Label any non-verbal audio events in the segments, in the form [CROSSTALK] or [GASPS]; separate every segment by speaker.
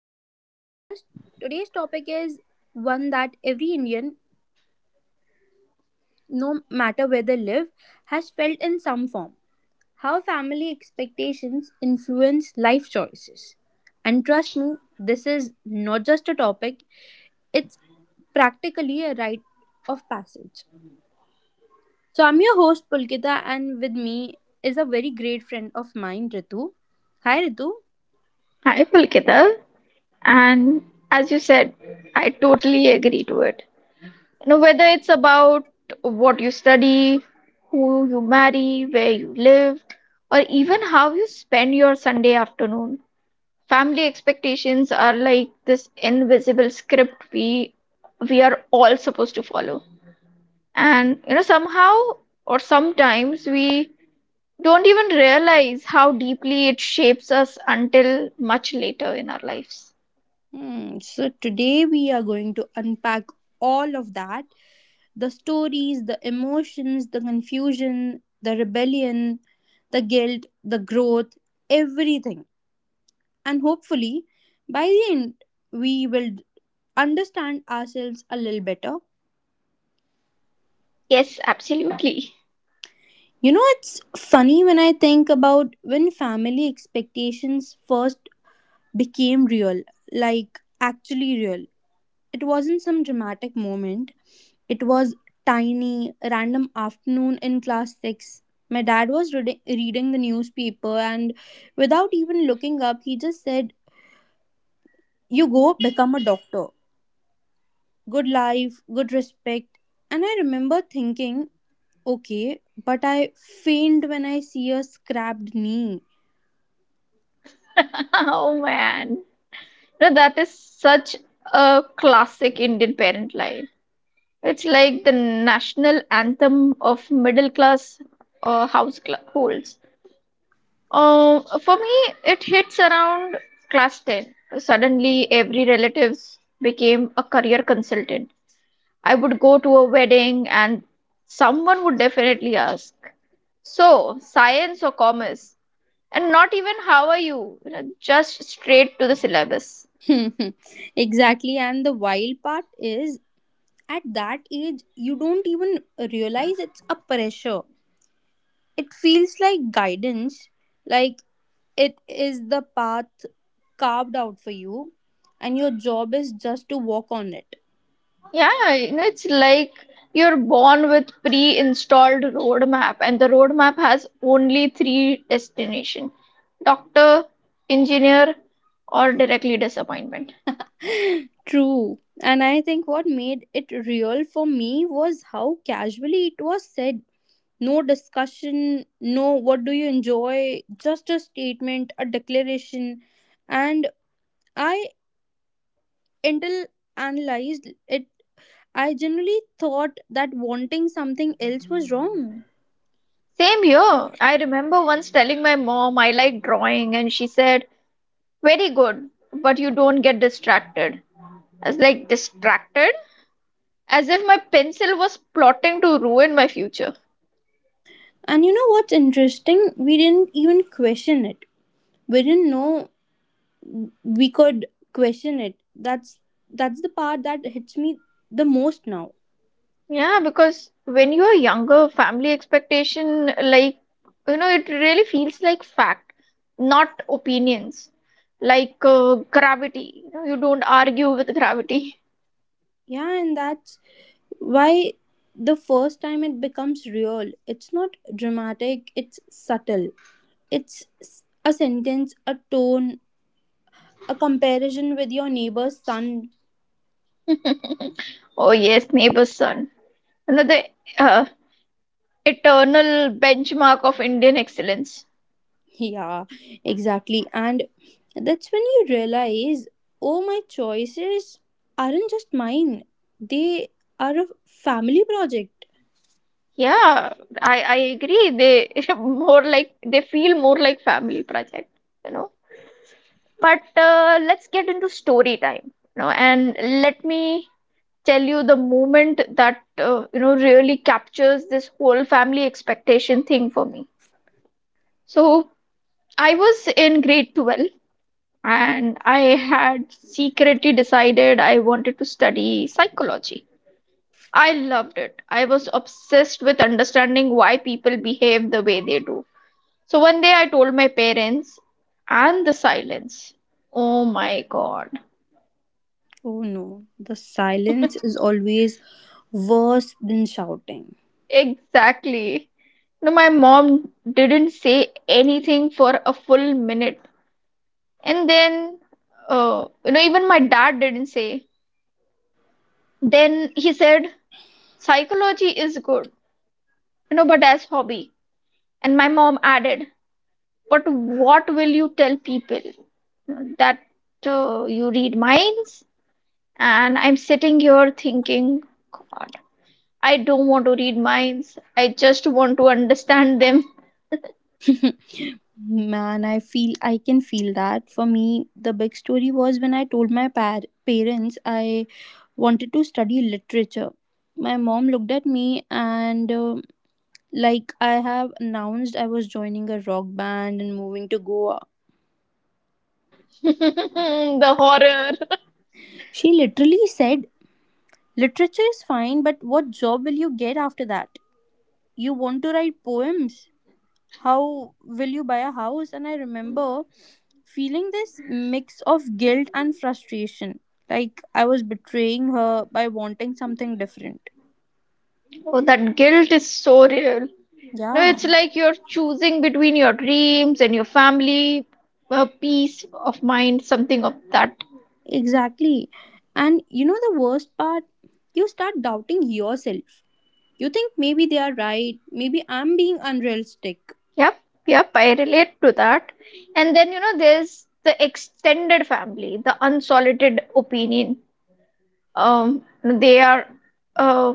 Speaker 1: of our podcast. Today's topic is one that every Indian, no matter where they live, has felt in some form, how family expectations influence life choices. And trust me, this is not just a topic, it's practically a rite of passage. So, I'm your host, Pulkita, and with me is a very great friend of mine, Ritu. Hi, Ritu.
Speaker 2: Hi, Pulkita. And as you said, I totally agree to it. You know, whether it's about what you study, who you marry, where you live, or even how you spend your Sunday afternoon, family expectations are like this invisible script we are all supposed to follow. And you know, somehow or sometimes we don't even realize how deeply it shapes us until much later in our lives.
Speaker 1: Hmm. So, today we are going to unpack all of that, the stories, the emotions, the confusion, the rebellion, the guilt, the growth, everything. And hopefully, by the end, we will understand ourselves a little better.
Speaker 2: Yes, absolutely.
Speaker 1: You know, it's funny when I think about when family expectations first became real, like actually real. It wasn't some dramatic moment. It was tiny, random afternoon in class 6. My dad was reading the newspaper and without even looking up, he just said, "You go become a doctor. Good life, good respect." And I remember thinking, okay, but I faint when I see a scrapped knee.
Speaker 2: [LAUGHS] Oh man. No, that is such a classic Indian parent line. It's like the national anthem of middle class house holds. For me, it hits around class 10. Suddenly, every relatives became a career consultant. I would go to a wedding and someone would definitely ask, so, science or commerce? And not even how are you, you know just straight to the syllabus.
Speaker 1: [LAUGHS] Exactly. And the wild part is, at that age, you don't even realize it's a pressure. It feels like guidance, like it is the path carved out for you, and your job is just to walk on it.
Speaker 2: Yeah, it's like you're born with pre-installed roadmap, and the roadmap has only three destination: doctor, engineer, or directly disappointment.
Speaker 1: [GASPS] [LAUGHS] True. And I think what made it real for me was how casually it was said. No discussion, no what do you enjoy, just a statement, a declaration. And I, until analyzed it, I generally thought that wanting something else was wrong.
Speaker 2: Same here. I remember once telling my mom I like drawing, and she said, very good, but you don't get distracted. I was like, distracted? As if my pencil was plotting to ruin my future.
Speaker 1: And you know what's interesting? We didn't even question it. We didn't know we could question it. That's the part that hits me the most now.
Speaker 2: Yeah, because when you are younger, family expectation, like, it really feels like fact, not opinions, like gravity. You know, you don't argue with gravity. [LAUGHS]
Speaker 1: Yeah, and that's why the first time it becomes real, it's not dramatic, it's subtle. It's a sentence, a tone, a comparison with your neighbor's son.
Speaker 2: Oh, yes, neighbor's son. You know, the uh, eternal benchmark of Indian excellence.
Speaker 1: [LAUGHS] Yeah, exactly. And that's when you realize, oh, my choices aren't just mine, they are a family project.
Speaker 2: Yeah, I agree. They [LAUGHS] more like they feel more like family project, you know. But let's get into story time, and let me tell you the moment that really captures this whole family expectation thing for me. So I was in grade 12, and I had secretly decided I wanted to study psychology. I loved it. I was obsessed with understanding why people behave the way they do. So one day I told my parents, and the silence. Oh my god.
Speaker 1: Oh no, the silence is always worse than shouting.
Speaker 2: Exactly. No, my mom didn't say anything for a full minute. And then, even my dad didn't say. Then he said, psychology is good, but as hobby. And my mom added, but what will you tell people? That you read minds? And I'm sitting here thinking, God, I don't want to read minds. I just want to understand them.
Speaker 1: [LAUGHS] Man, I feel, I can feel that. For me, the big story was when I told my parents I wanted to study literature. My mom looked at me and like I have announced I was joining a rock band and moving to Goa.
Speaker 2: [LAUGHS] The horror.
Speaker 1: She literally said, "Literature is fine, but what job will you get after that? You want to write poems? How will you buy a house?" And I remember feeling this mix of guilt and frustration, like I was betraying her by wanting something different.
Speaker 2: Oh, that guilt is so real. No,
Speaker 1: Yeah,
Speaker 2: it's like you're choosing between your dreams and your family, a peace of mind, something of that.
Speaker 1: exactly. And you know the worst part, you start doubting yourself. You think maybe they are right, maybe I'm being unrealistic.
Speaker 2: Yep, yep, I relate to that. And then, you know, there's the extended family, the unsolicited opinion. Um, they are, uh,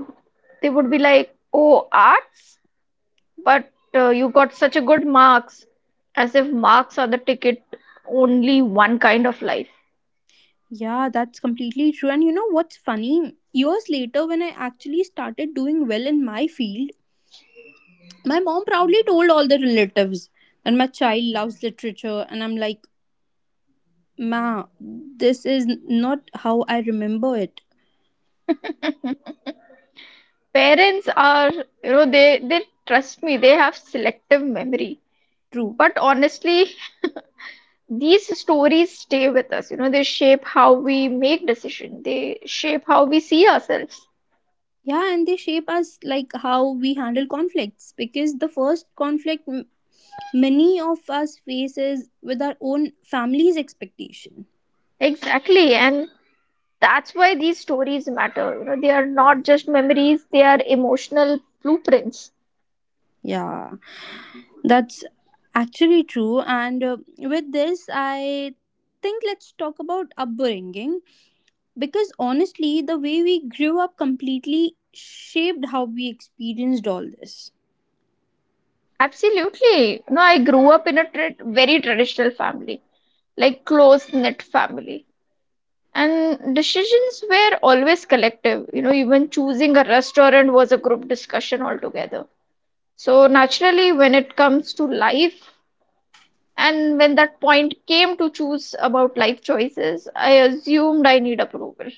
Speaker 2: they would be like, oh, arts, but you got such a good marks, as if marks are the ticket, only one kind of life.
Speaker 1: Yeah, that's completely true. And you know what's funny, years later when I actually started doing well in my field, my mom proudly told all the relatives that my child loves literature, and I'm like, "Ma, this is not how I remember it."
Speaker 2: [LAUGHS] Parents are, they trust me. They have selective memory.
Speaker 1: True.
Speaker 2: But honestly, these stories stay with us. You know, they shape how we make decisions. They shape how we see ourselves.
Speaker 1: Yeah, and they shape us like how we handle conflicts, because the first conflict many of us face is with our own family's expectation.
Speaker 2: Exactly, and that's why these stories matter. You know, they are not just memories. They are emotional blueprints.
Speaker 1: Yeah, that's actually true. And with this, I think let's talk about upbringing. Because honestly, the way we grew up completely shaped how we experienced all this.
Speaker 2: Absolutely. You know, I grew up in a tra very traditional family, like close-knit family. And decisions were always collective. You know, even choosing a restaurant was a group discussion altogether. So naturally, when it comes to life, and when that point came to choose about life choices, I assumed I need approval.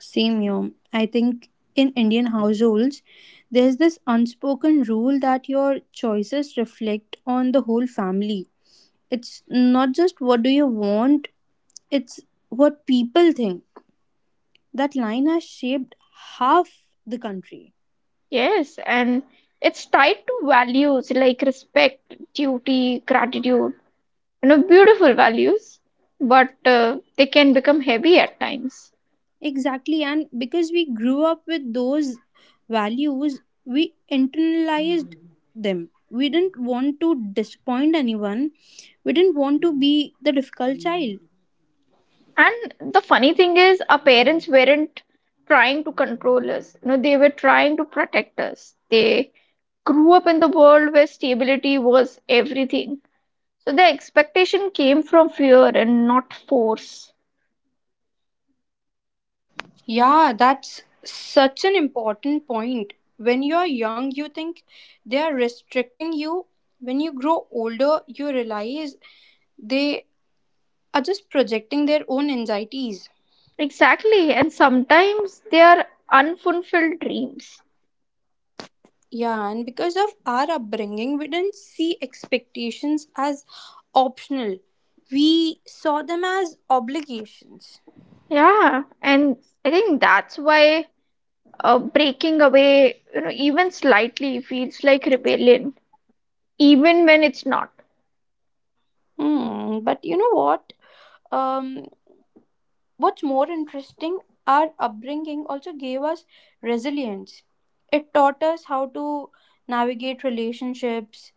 Speaker 1: Same here. I think in Indian households, there's this unspoken rule that your choices reflect on the whole family. It's not just what do you want, it's what people think. That line has shaped half the country.
Speaker 2: Yes, and it's tied to values like respect, duty, gratitude. You know, beautiful values, but they can become heavy at times.
Speaker 1: Exactly, and because we grew up with those values, we internalized them. We didn't want to disappoint anyone, we didn't want to be the difficult child.
Speaker 2: And the funny thing is, our parents weren't trying to control us. You know, they were trying to protect us. They grew up in the world where stability was everything. So the expectation came from fear and not force.
Speaker 1: Yeah, that's such an important point. When you're young, you think they are restricting you. When you grow older, you realize they are just projecting their own anxieties.
Speaker 2: Exactly. And sometimes they are unfulfilled dreams.
Speaker 1: Yeah, and because of our upbringing, we didn't see expectations as optional. We saw them as obligations.
Speaker 2: Yeah. And I think that's why breaking away, even slightly feels like rebellion, even when it's not.
Speaker 1: Hmm, but you know what? Um, what's more interesting, our upbringing also gave us resilience. It taught us how to navigate relationships,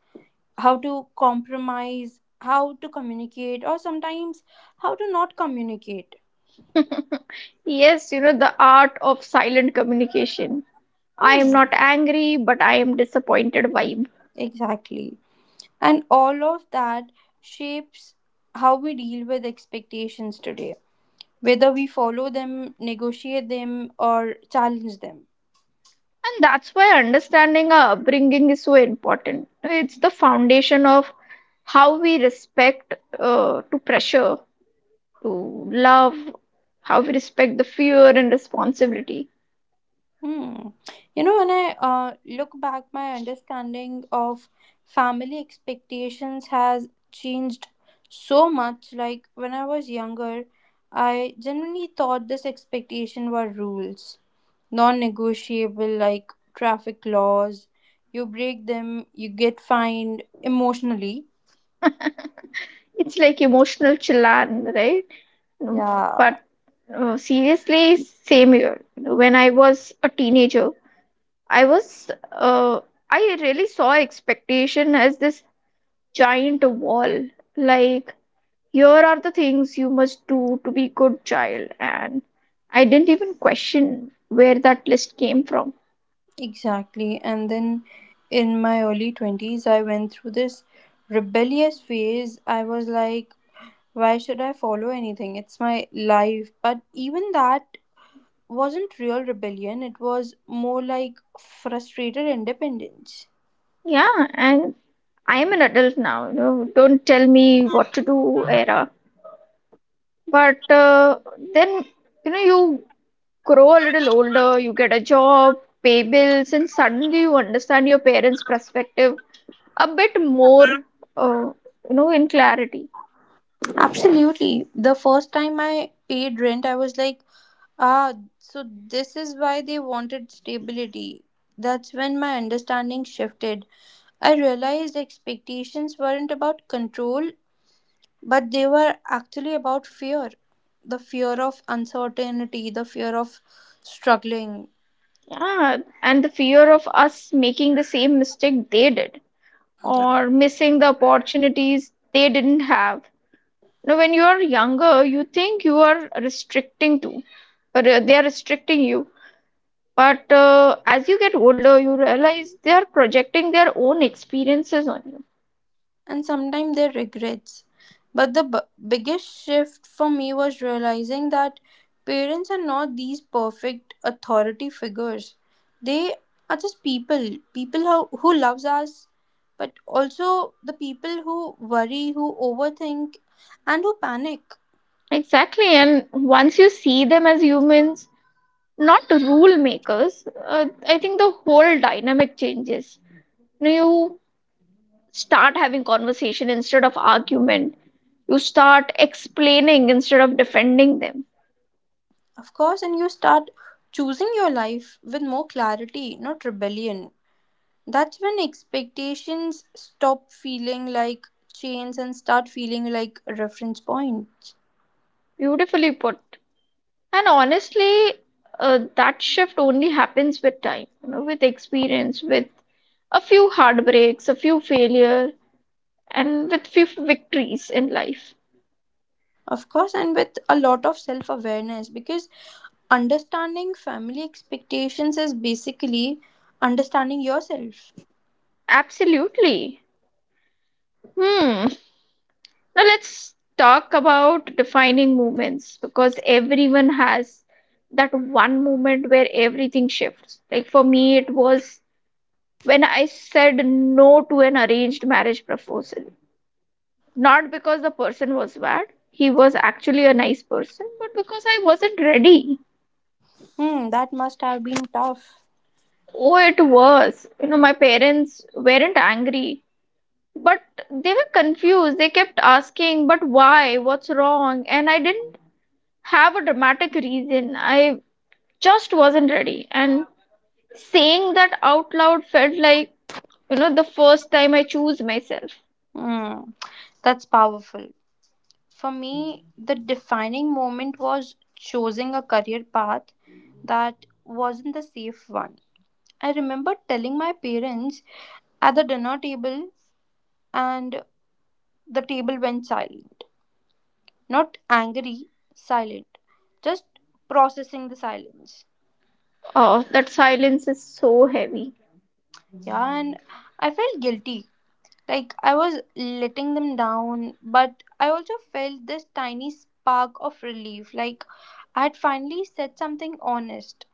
Speaker 1: how to compromise, how to communicate, or sometimes how to not communicate.
Speaker 2: [LAUGHS] Yes, you know, the art of silent communication. I am
Speaker 1: Hmm,
Speaker 2: not angry, but I am disappointed vibe.
Speaker 1: exactly. And all of that shapes how we deal with expectations today, whether we follow them, negotiate them, or challenge them.
Speaker 2: And that's why understanding our upbringing is so important. It's the foundation of how we respect to pressure, to love, how we respect the fear and responsibility.
Speaker 1: Hmm. You know, when I look back, my understanding of family expectations has changed so much. Like when I was younger, I generally thought this expectation were rules, non-negotiable, like traffic laws. You break them, you get fined emotionally.
Speaker 2: It's like emotional chillan, right? No.
Speaker 1: Yeah,
Speaker 2: But seriously, same here. You know, when I was a teenager, I was, uh, I really saw expectation as this giant wall. Like, here are the things you must do to be good child. And I didn't even question where that list came from.
Speaker 1: exactly. And then in my early 20s I went through this rebellious phase. I was like, why should I follow anything, it's my life. But even that wasn't real rebellion, it was more like frustrated independence.
Speaker 2: Yeah, and I am an adult now. You know, don't tell me what to do, era. But then, you know, you grow a little older, you get a job, pay bills, and suddenly you understand your parents' perspective a bit more, uh, in clarity.
Speaker 1: Absolutely. The first time I paid rent I was like, ah, so this is why they wanted stability. That's when my understanding shifted. I realized expectations weren't about control, but they were actually about fear. The fear of uncertainty, the fear of struggling.
Speaker 2: Yeah, and the fear of us making the same mistake they did or missing the opportunities they didn't have. Now, when you are younger, you think you are restricting to, or they are restricting you. But as you get older, you realize they are projecting their own experiences on you.
Speaker 1: And sometimes their regrets. But the biggest shift for me was realizing that parents are not these perfect authority figures. They are just people, people who loves us, but also the people who worry, who overthink, and who panic.
Speaker 2: Exactly. And once you see them as humans, not rule makers, I think the whole dynamic changes. You know, you start having conversation instead of argument. You start explaining instead of defending them.
Speaker 1: Of course, and you start choosing your life with more clarity, not rebellion. That's when expectations stop feeling like chains and start feeling like reference points.
Speaker 2: Beautifully put. And honestly, that shift only happens with time, you know, with experience, with a few heartbreaks, a few failure, and with few victories in life.
Speaker 1: Of course, and with a lot of self awareness, because understanding family expectations is basically understanding yourself.
Speaker 2: Absolutely. Hmm. Now let's talk about defining moments, because everyone has that one moment where everything shifts. Like for me, it was when I said no to an arranged marriage proposal. Not because the person was bad, he was actually a nice person, but because I wasn't ready.
Speaker 1: Hmm, that must have been tough.
Speaker 2: Oh, it was. You know, my parents weren't angry, but they were confused. They kept asking, but why? What's wrong? And I didn't have a dramatic reason. I just wasn't ready. And saying that out loud felt like, you know, the first time I choose myself.
Speaker 1: Hmm, that's powerful. For me, the defining moment was choosing a career path that wasn't the safe one. I remember telling my parents at the dinner table, and the table went silent. Not angry, silent. Just processing the silence.
Speaker 2: Oh, that silence is so heavy.
Speaker 1: Yeah, and I felt guilty. Like I was letting them down, but I also felt this tiny spark of relief. Like I had finally said something honest.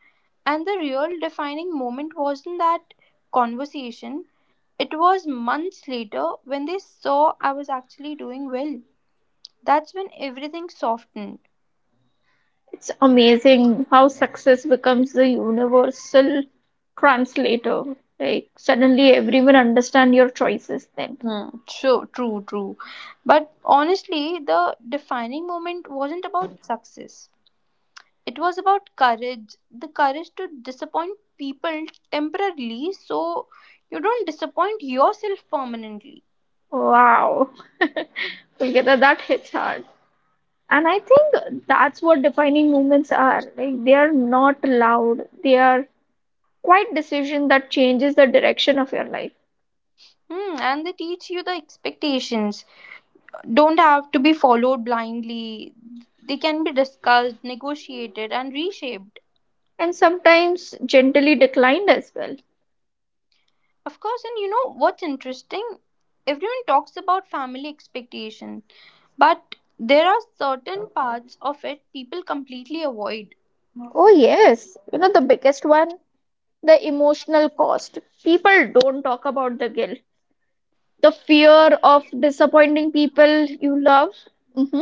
Speaker 1: And the real defining moment wasn't that conversation, it was months later when they saw I was actually doing well. That's when everything softened.
Speaker 2: It's amazing how success becomes the universal translator. Like, suddenly everyone understand your choices then.
Speaker 1: Hmm. True, true, true. But honestly, the defining moment wasn't about success. It was about courage. The courage to disappoint people temporarily so you don't disappoint yourself permanently.
Speaker 2: Wow. [LAUGHS] Okay, that hits hard. And I think that's what defining moments are. Like, they are not loud. They are quite decision that changes the direction of your life.
Speaker 1: Hmm, and they teach you the expectations don't have to be followed blindly. They can be discussed, negotiated, and reshaped.
Speaker 2: And sometimes gently declined as well.
Speaker 1: Of course, and you know what's interesting? Everyone talks about family expectation, but there are certain parts of it people completely avoid.
Speaker 2: Oh, yes. You know, the biggest one, the emotional cost. People don't talk about the guilt, the fear of disappointing people you love, hmm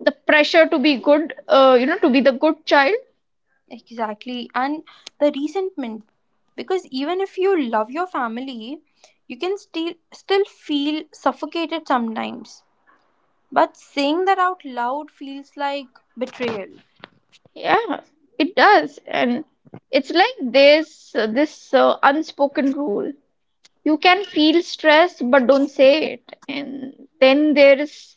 Speaker 2: the pressure to be good, to be the good child.
Speaker 1: Exactly, and the resentment. Because even if you love your family, you can still feel suffocated sometimes. But saying that out loud feels like betrayal.
Speaker 2: Yeah, it does. And it's like this unspoken rule. You can feel stress but don't say it. And then there is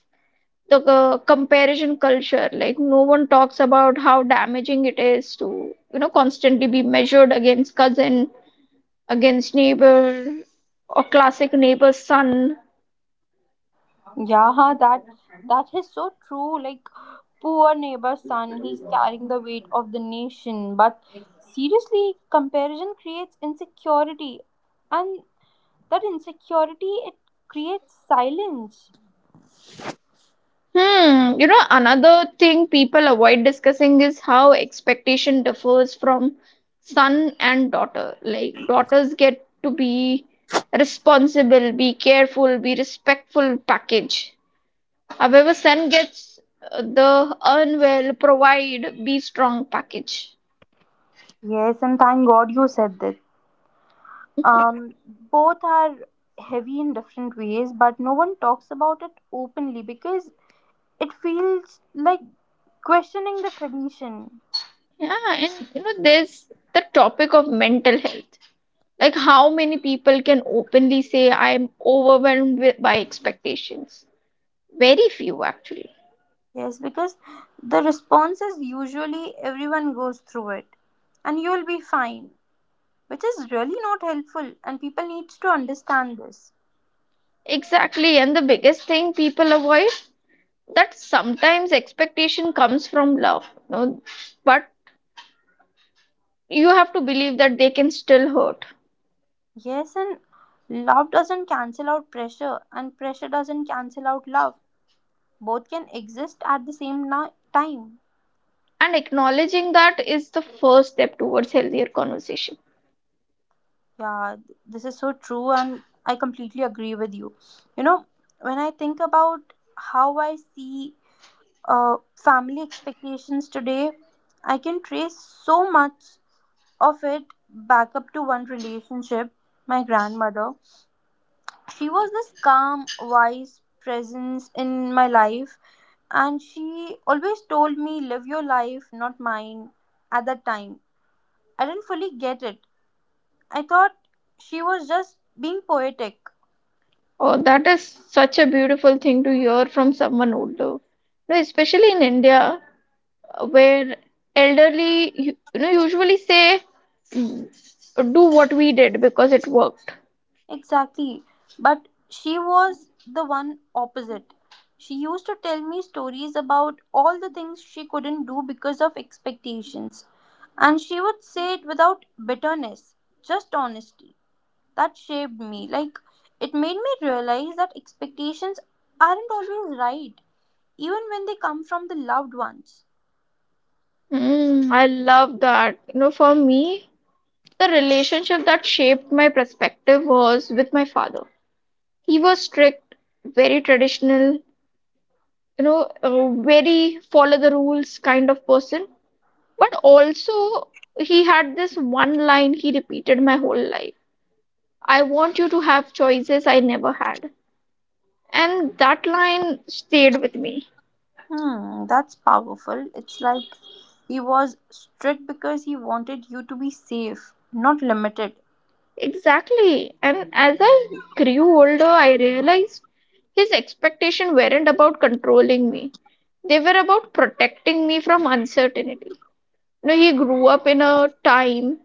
Speaker 2: the comparison culture. Like, no one talks about how damaging it is to constantly be measured against cousin, against neighbor, or classic neighbor's son.
Speaker 1: Yeah, that is so true. Like poor neighbor's son, he's carrying the weight of the nation. But seriously, comparison creates insecurity, and that insecurity it creates silence.
Speaker 2: Hmm. You know, another thing people avoid discussing is how expectation differs from son and daughter. Like, daughters get to be responsible, be careful, be respectful package. However, Sun gets the earn well, provide, be strong package.
Speaker 1: Yes, and thank God you said that. Both are heavy in different ways, but no one talks about it openly because it feels like questioning the tradition.
Speaker 2: Yeah, and you know, there's the topic of mental health. Like, how many people can openly say, I'm overwhelmed with, by expectations? Very few, actually.
Speaker 1: Yes, because the response is usually everyone goes through it and you'll be fine, which is really not helpful and people need to understand this.
Speaker 2: Exactly, and the biggest thing people avoid, that sometimes expectation comes from love, you know, but you have to believe that they can still hurt.
Speaker 1: Yes, and love doesn't cancel out pressure and pressure doesn't cancel out love. Both can exist at the same time.
Speaker 2: And acknowledging that is the first step towards healthier conversation.
Speaker 1: Yeah, this is so true and I completely agree with you. You know, when I think about how I see family expectations today, I can trace so much of it back up to one relationship, my grandmother. She was this calm, wise presence in my life, and she always told me, "Live your life, not mine." At that time, I didn't fully get it. I thought she was just being poetic.
Speaker 2: Oh, that is such a beautiful thing to hear from someone older. No, especially in India, where elderly, usually say, "Mm, do what we did because it worked."
Speaker 1: Exactly. But she was the one opposite. She used to tell me stories about all the things she couldn't do because of expectations. And she would say it without bitterness, just honesty. That shaped me. Like, it made me realize that expectations aren't always right, even when they come from the loved ones.
Speaker 2: Mm, I love that. You know, for me, the relationship that shaped my perspective was with my father. He was strict, very traditional, you know, uh, very follow the rules kind of person. But also, he had this one line he repeated my whole life: I want you to have choices I never had. And that line stayed with me.
Speaker 1: Hmm, that's powerful. It's like he was strict because he wanted you to be safe, not limited.
Speaker 2: Exactly. And as I grew older, I realized his expectations weren't about controlling me, they were about protecting me from uncertainty. You know, he grew up in a time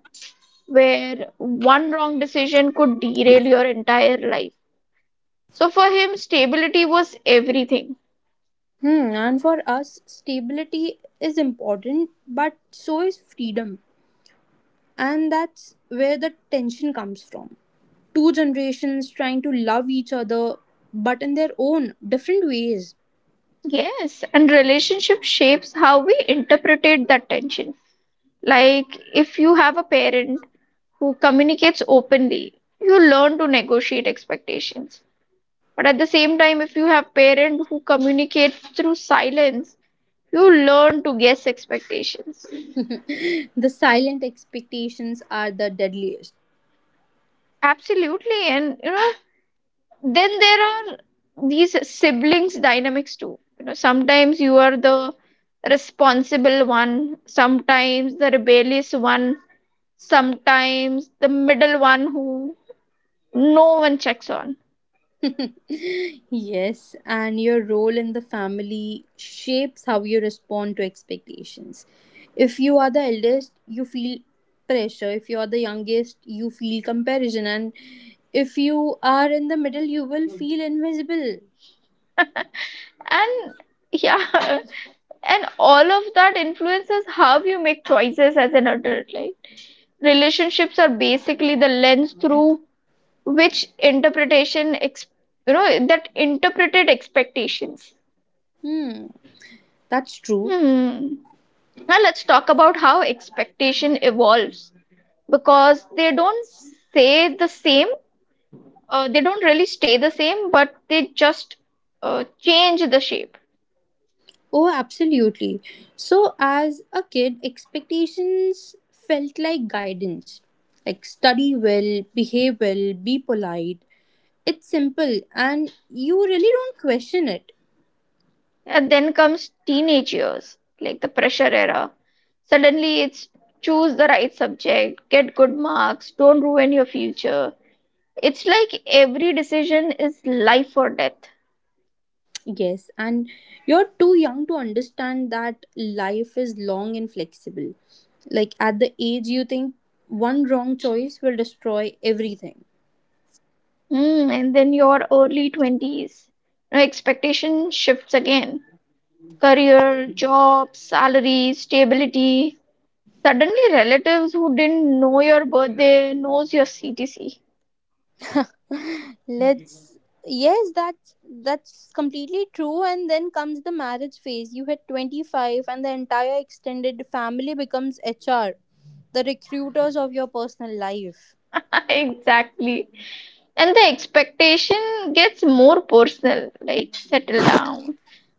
Speaker 2: where one wrong decision could derail your entire life. So for him, stability was everything.
Speaker 1: Hmm, and for us, stability is important, but so is freedom. And that's where the tension comes from. Two generations trying to love each other, but in their own different ways.
Speaker 2: Yes, and relationship shapes how we interpret that tension. Like, if you have a parent who communicates openly, you learn to negotiate expectations. But at the same time, if you have parent who communicates through silence, you learn to guess expectations.
Speaker 1: [LAUGHS] The silent expectations are the deadliest.
Speaker 2: Absolutely, and you know, then there are these siblings dynamics too. You know, sometimes you are the responsible one, sometimes the rebellious one, sometimes the middle one who no one checks on.
Speaker 1: [LAUGHS] Yes, and your role in the family shapes how you respond to expectations. If you are the eldest, you feel pressure. If you are the youngest, you feel comparison. And if you are in the middle, you will feel invisible.
Speaker 2: And yeah, [LAUGHS] and all of that influences how you make choices as an adult. Like, relationships are basically the lens through which interpretation, that interpreted expectations.
Speaker 1: Hmm, that's true.
Speaker 2: Hmm. Now let's talk about how expectation evolves, because say the same they don't really stay the same, but they just change the shape.
Speaker 1: Oh, absolutely. So, as a kid, expectations felt like guidance, like study well, behave well, be polite. It's simple and you really don't question it.
Speaker 2: And then comes teenage years, like the pressure era. Suddenly, it's choose the right subject, get good marks, don't ruin your future. It's like every decision is life or death.
Speaker 1: Yes, and you're too young to understand that life is long and flexible. Like at the age you think one wrong choice will destroy everything.
Speaker 2: Mm, and then your early 20s. Now expectation shifts again. Career, job, salary, stability. Suddenly, relatives who didn't know your birthday knows your CTC.
Speaker 1: [LAUGHS] Let's, yes, that's completely true. And then comes the marriage phase. You hit 25 and the entire extended family becomes HR, the recruiters of your personal life.
Speaker 2: [LAUGHS] Exactly. And the expectation gets more personal, like settle down,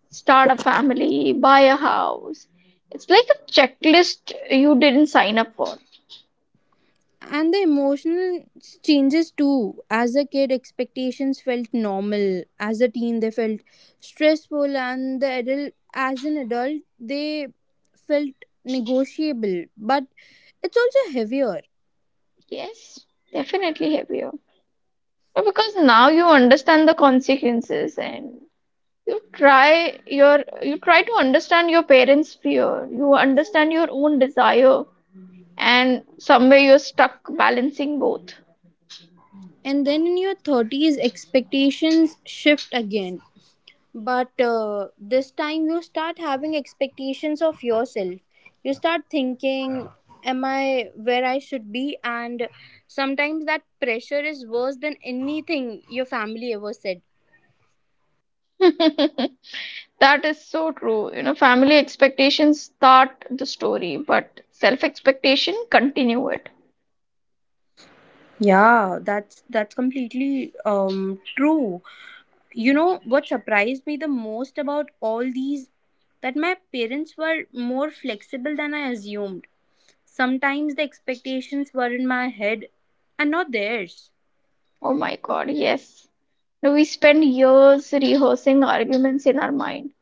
Speaker 2: start a family, buy a house. It's like a checklist you didn't sign up for.
Speaker 1: And the emotional changes too. As a kid expectations felt normal, as a teen they felt stressful, and the adult as an adult they felt negotiable, but it's also heavier.
Speaker 2: Yes, definitely heavier. But because now you understand the consequences, and you try to understand your parents' fear. You understand your own desire, and somewhere you're stuck balancing both.
Speaker 1: And then in your 30s expectations shift again. But this time you start having expectations of yourself. You start thinking, am I where I should be? And sometimes that pressure is worse than anything your family ever said.
Speaker 2: [LAUGHS] That is so true. You know, family expectations start the story, but self expectation continue it.
Speaker 1: Yeah, that's completely true. You know what surprised me the most about all these, that my parents were more flexible than I assumed. Sometimes the expectations were in my head and not theirs.
Speaker 2: Oh my god, yes. Now we spend years rehearsing arguments in our mind,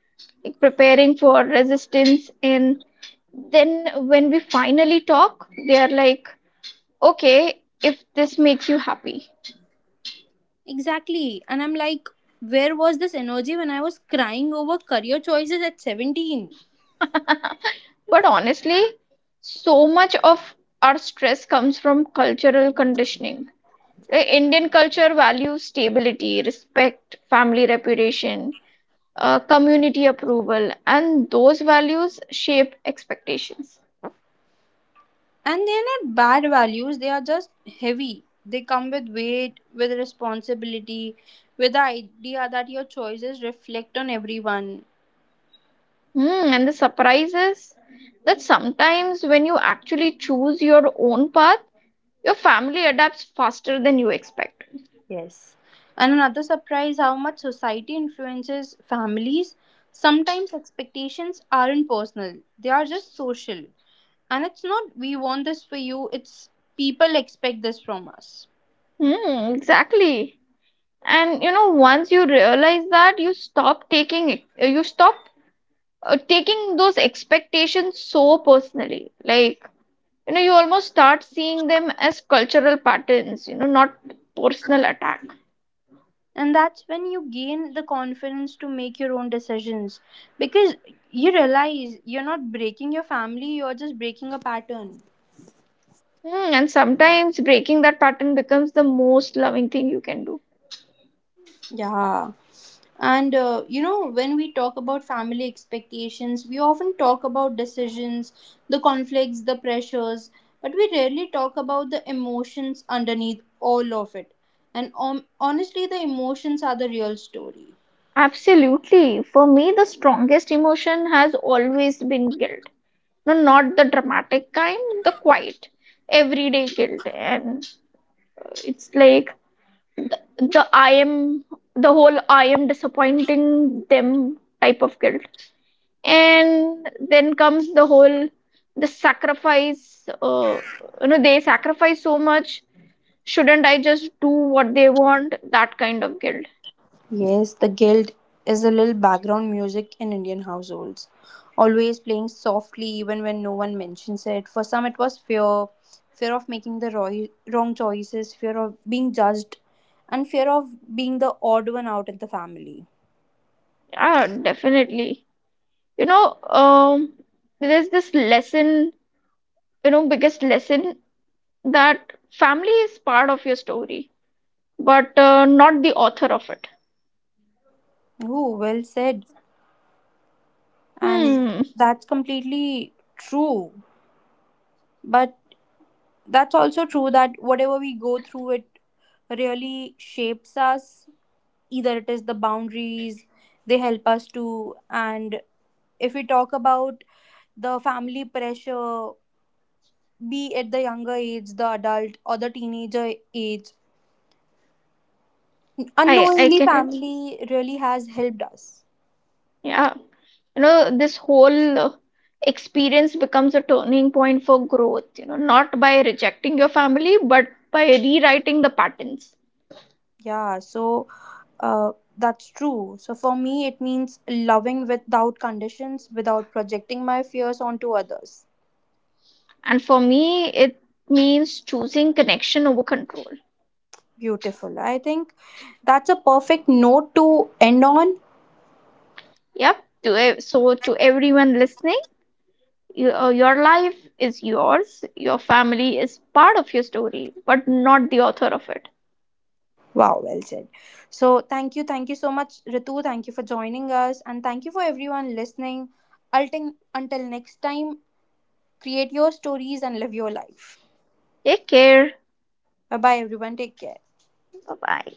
Speaker 2: like preparing for resistance. And then when we finally talk, they are like, okay, if this makes you happy.
Speaker 1: Exactly. And I'm like, where was this energy when I was crying over career choices at 17?
Speaker 2: [LAUGHS] But honestly, so much of our stress comes from cultural conditioning. The Indian culture values stability, respect, family reputation, community approval, and those values shape expectations.
Speaker 1: And they're not bad values, they are just heavy. They come with weight, with responsibility, with the idea that your choices reflect on everyone.
Speaker 2: Hmm, and the surprise is that sometimes when you actually choose your own path, your family adapts faster than you expect.
Speaker 1: Yes. And another surprise, how much society influences families. Sometimes expectations aren't personal, they are just social. And it's not we want this for you, it's people expect this from us.
Speaker 2: Hmm, exactly. And you know, once you realize that, you stop taking those expectations so personally. Like, you know, you almost start seeing them as cultural patterns, you know, not personal attack.
Speaker 1: And that's when you gain the confidence to make your own decisions, because you realize you're not breaking your family, you're just breaking a pattern.
Speaker 2: Hmm, and sometimes breaking that pattern becomes the most loving thing you can do.
Speaker 1: Yeah, and you know, when we talk about family expectations we often talk about decisions, the conflicts, the pressures, but we rarely talk about the emotions underneath all of it. And honestly the emotions are the real story.
Speaker 2: Absolutely. For me, the strongest emotion has always been guilt. No, not the dramatic kind, the quiet, everyday guilt. And it's like the I am, the whole I am disappointing them type of guilt. And then comes the sacrifice, they sacrifice so much, shouldn't I just do what they want, that kind of guilt.
Speaker 1: Yes, the guild is a little background music in Indian households, always playing softly even when no one mentions it. For some, it was fear, fear of making the wrong choices, fear of being judged, and fear of being the odd one out in the family.
Speaker 2: Yeah, definitely. You know, there's this lesson, you know, biggest lesson, that family is part of your story, but not the author of it.
Speaker 1: Oh, well said. And
Speaker 2: Hmm.
Speaker 1: that's completely true. But that's also true that whatever we go through, it really shapes us. Either it is the boundaries they help us to, and if we talk about the family pressure, be it the younger age, the adult or the teenager age,
Speaker 2: I
Speaker 1: unknowingly
Speaker 2: get it.
Speaker 1: family really has helped us.
Speaker 2: Yeah, you know, this whole experience becomes a turning point for growth, you know, not by rejecting your family but by rewriting the patterns.
Speaker 1: Yeah, so uh, that's true. So for me it means loving without conditions, without projecting my fears onto others.
Speaker 2: And for me, it means choosing connection over control.
Speaker 1: Beautiful. I think that's a perfect note to end on.
Speaker 2: Yep. So to everyone listening, your life is yours, your family is part of your story but not the author of it.
Speaker 1: Wow, well said. So, thank you so much, Ritu. Thank you for joining us, and thank you for everyone listening. Ulting, until next time, create your stories and live your life.
Speaker 2: Take care.
Speaker 1: Bye bye, everyone. Take care.
Speaker 2: Bye bye.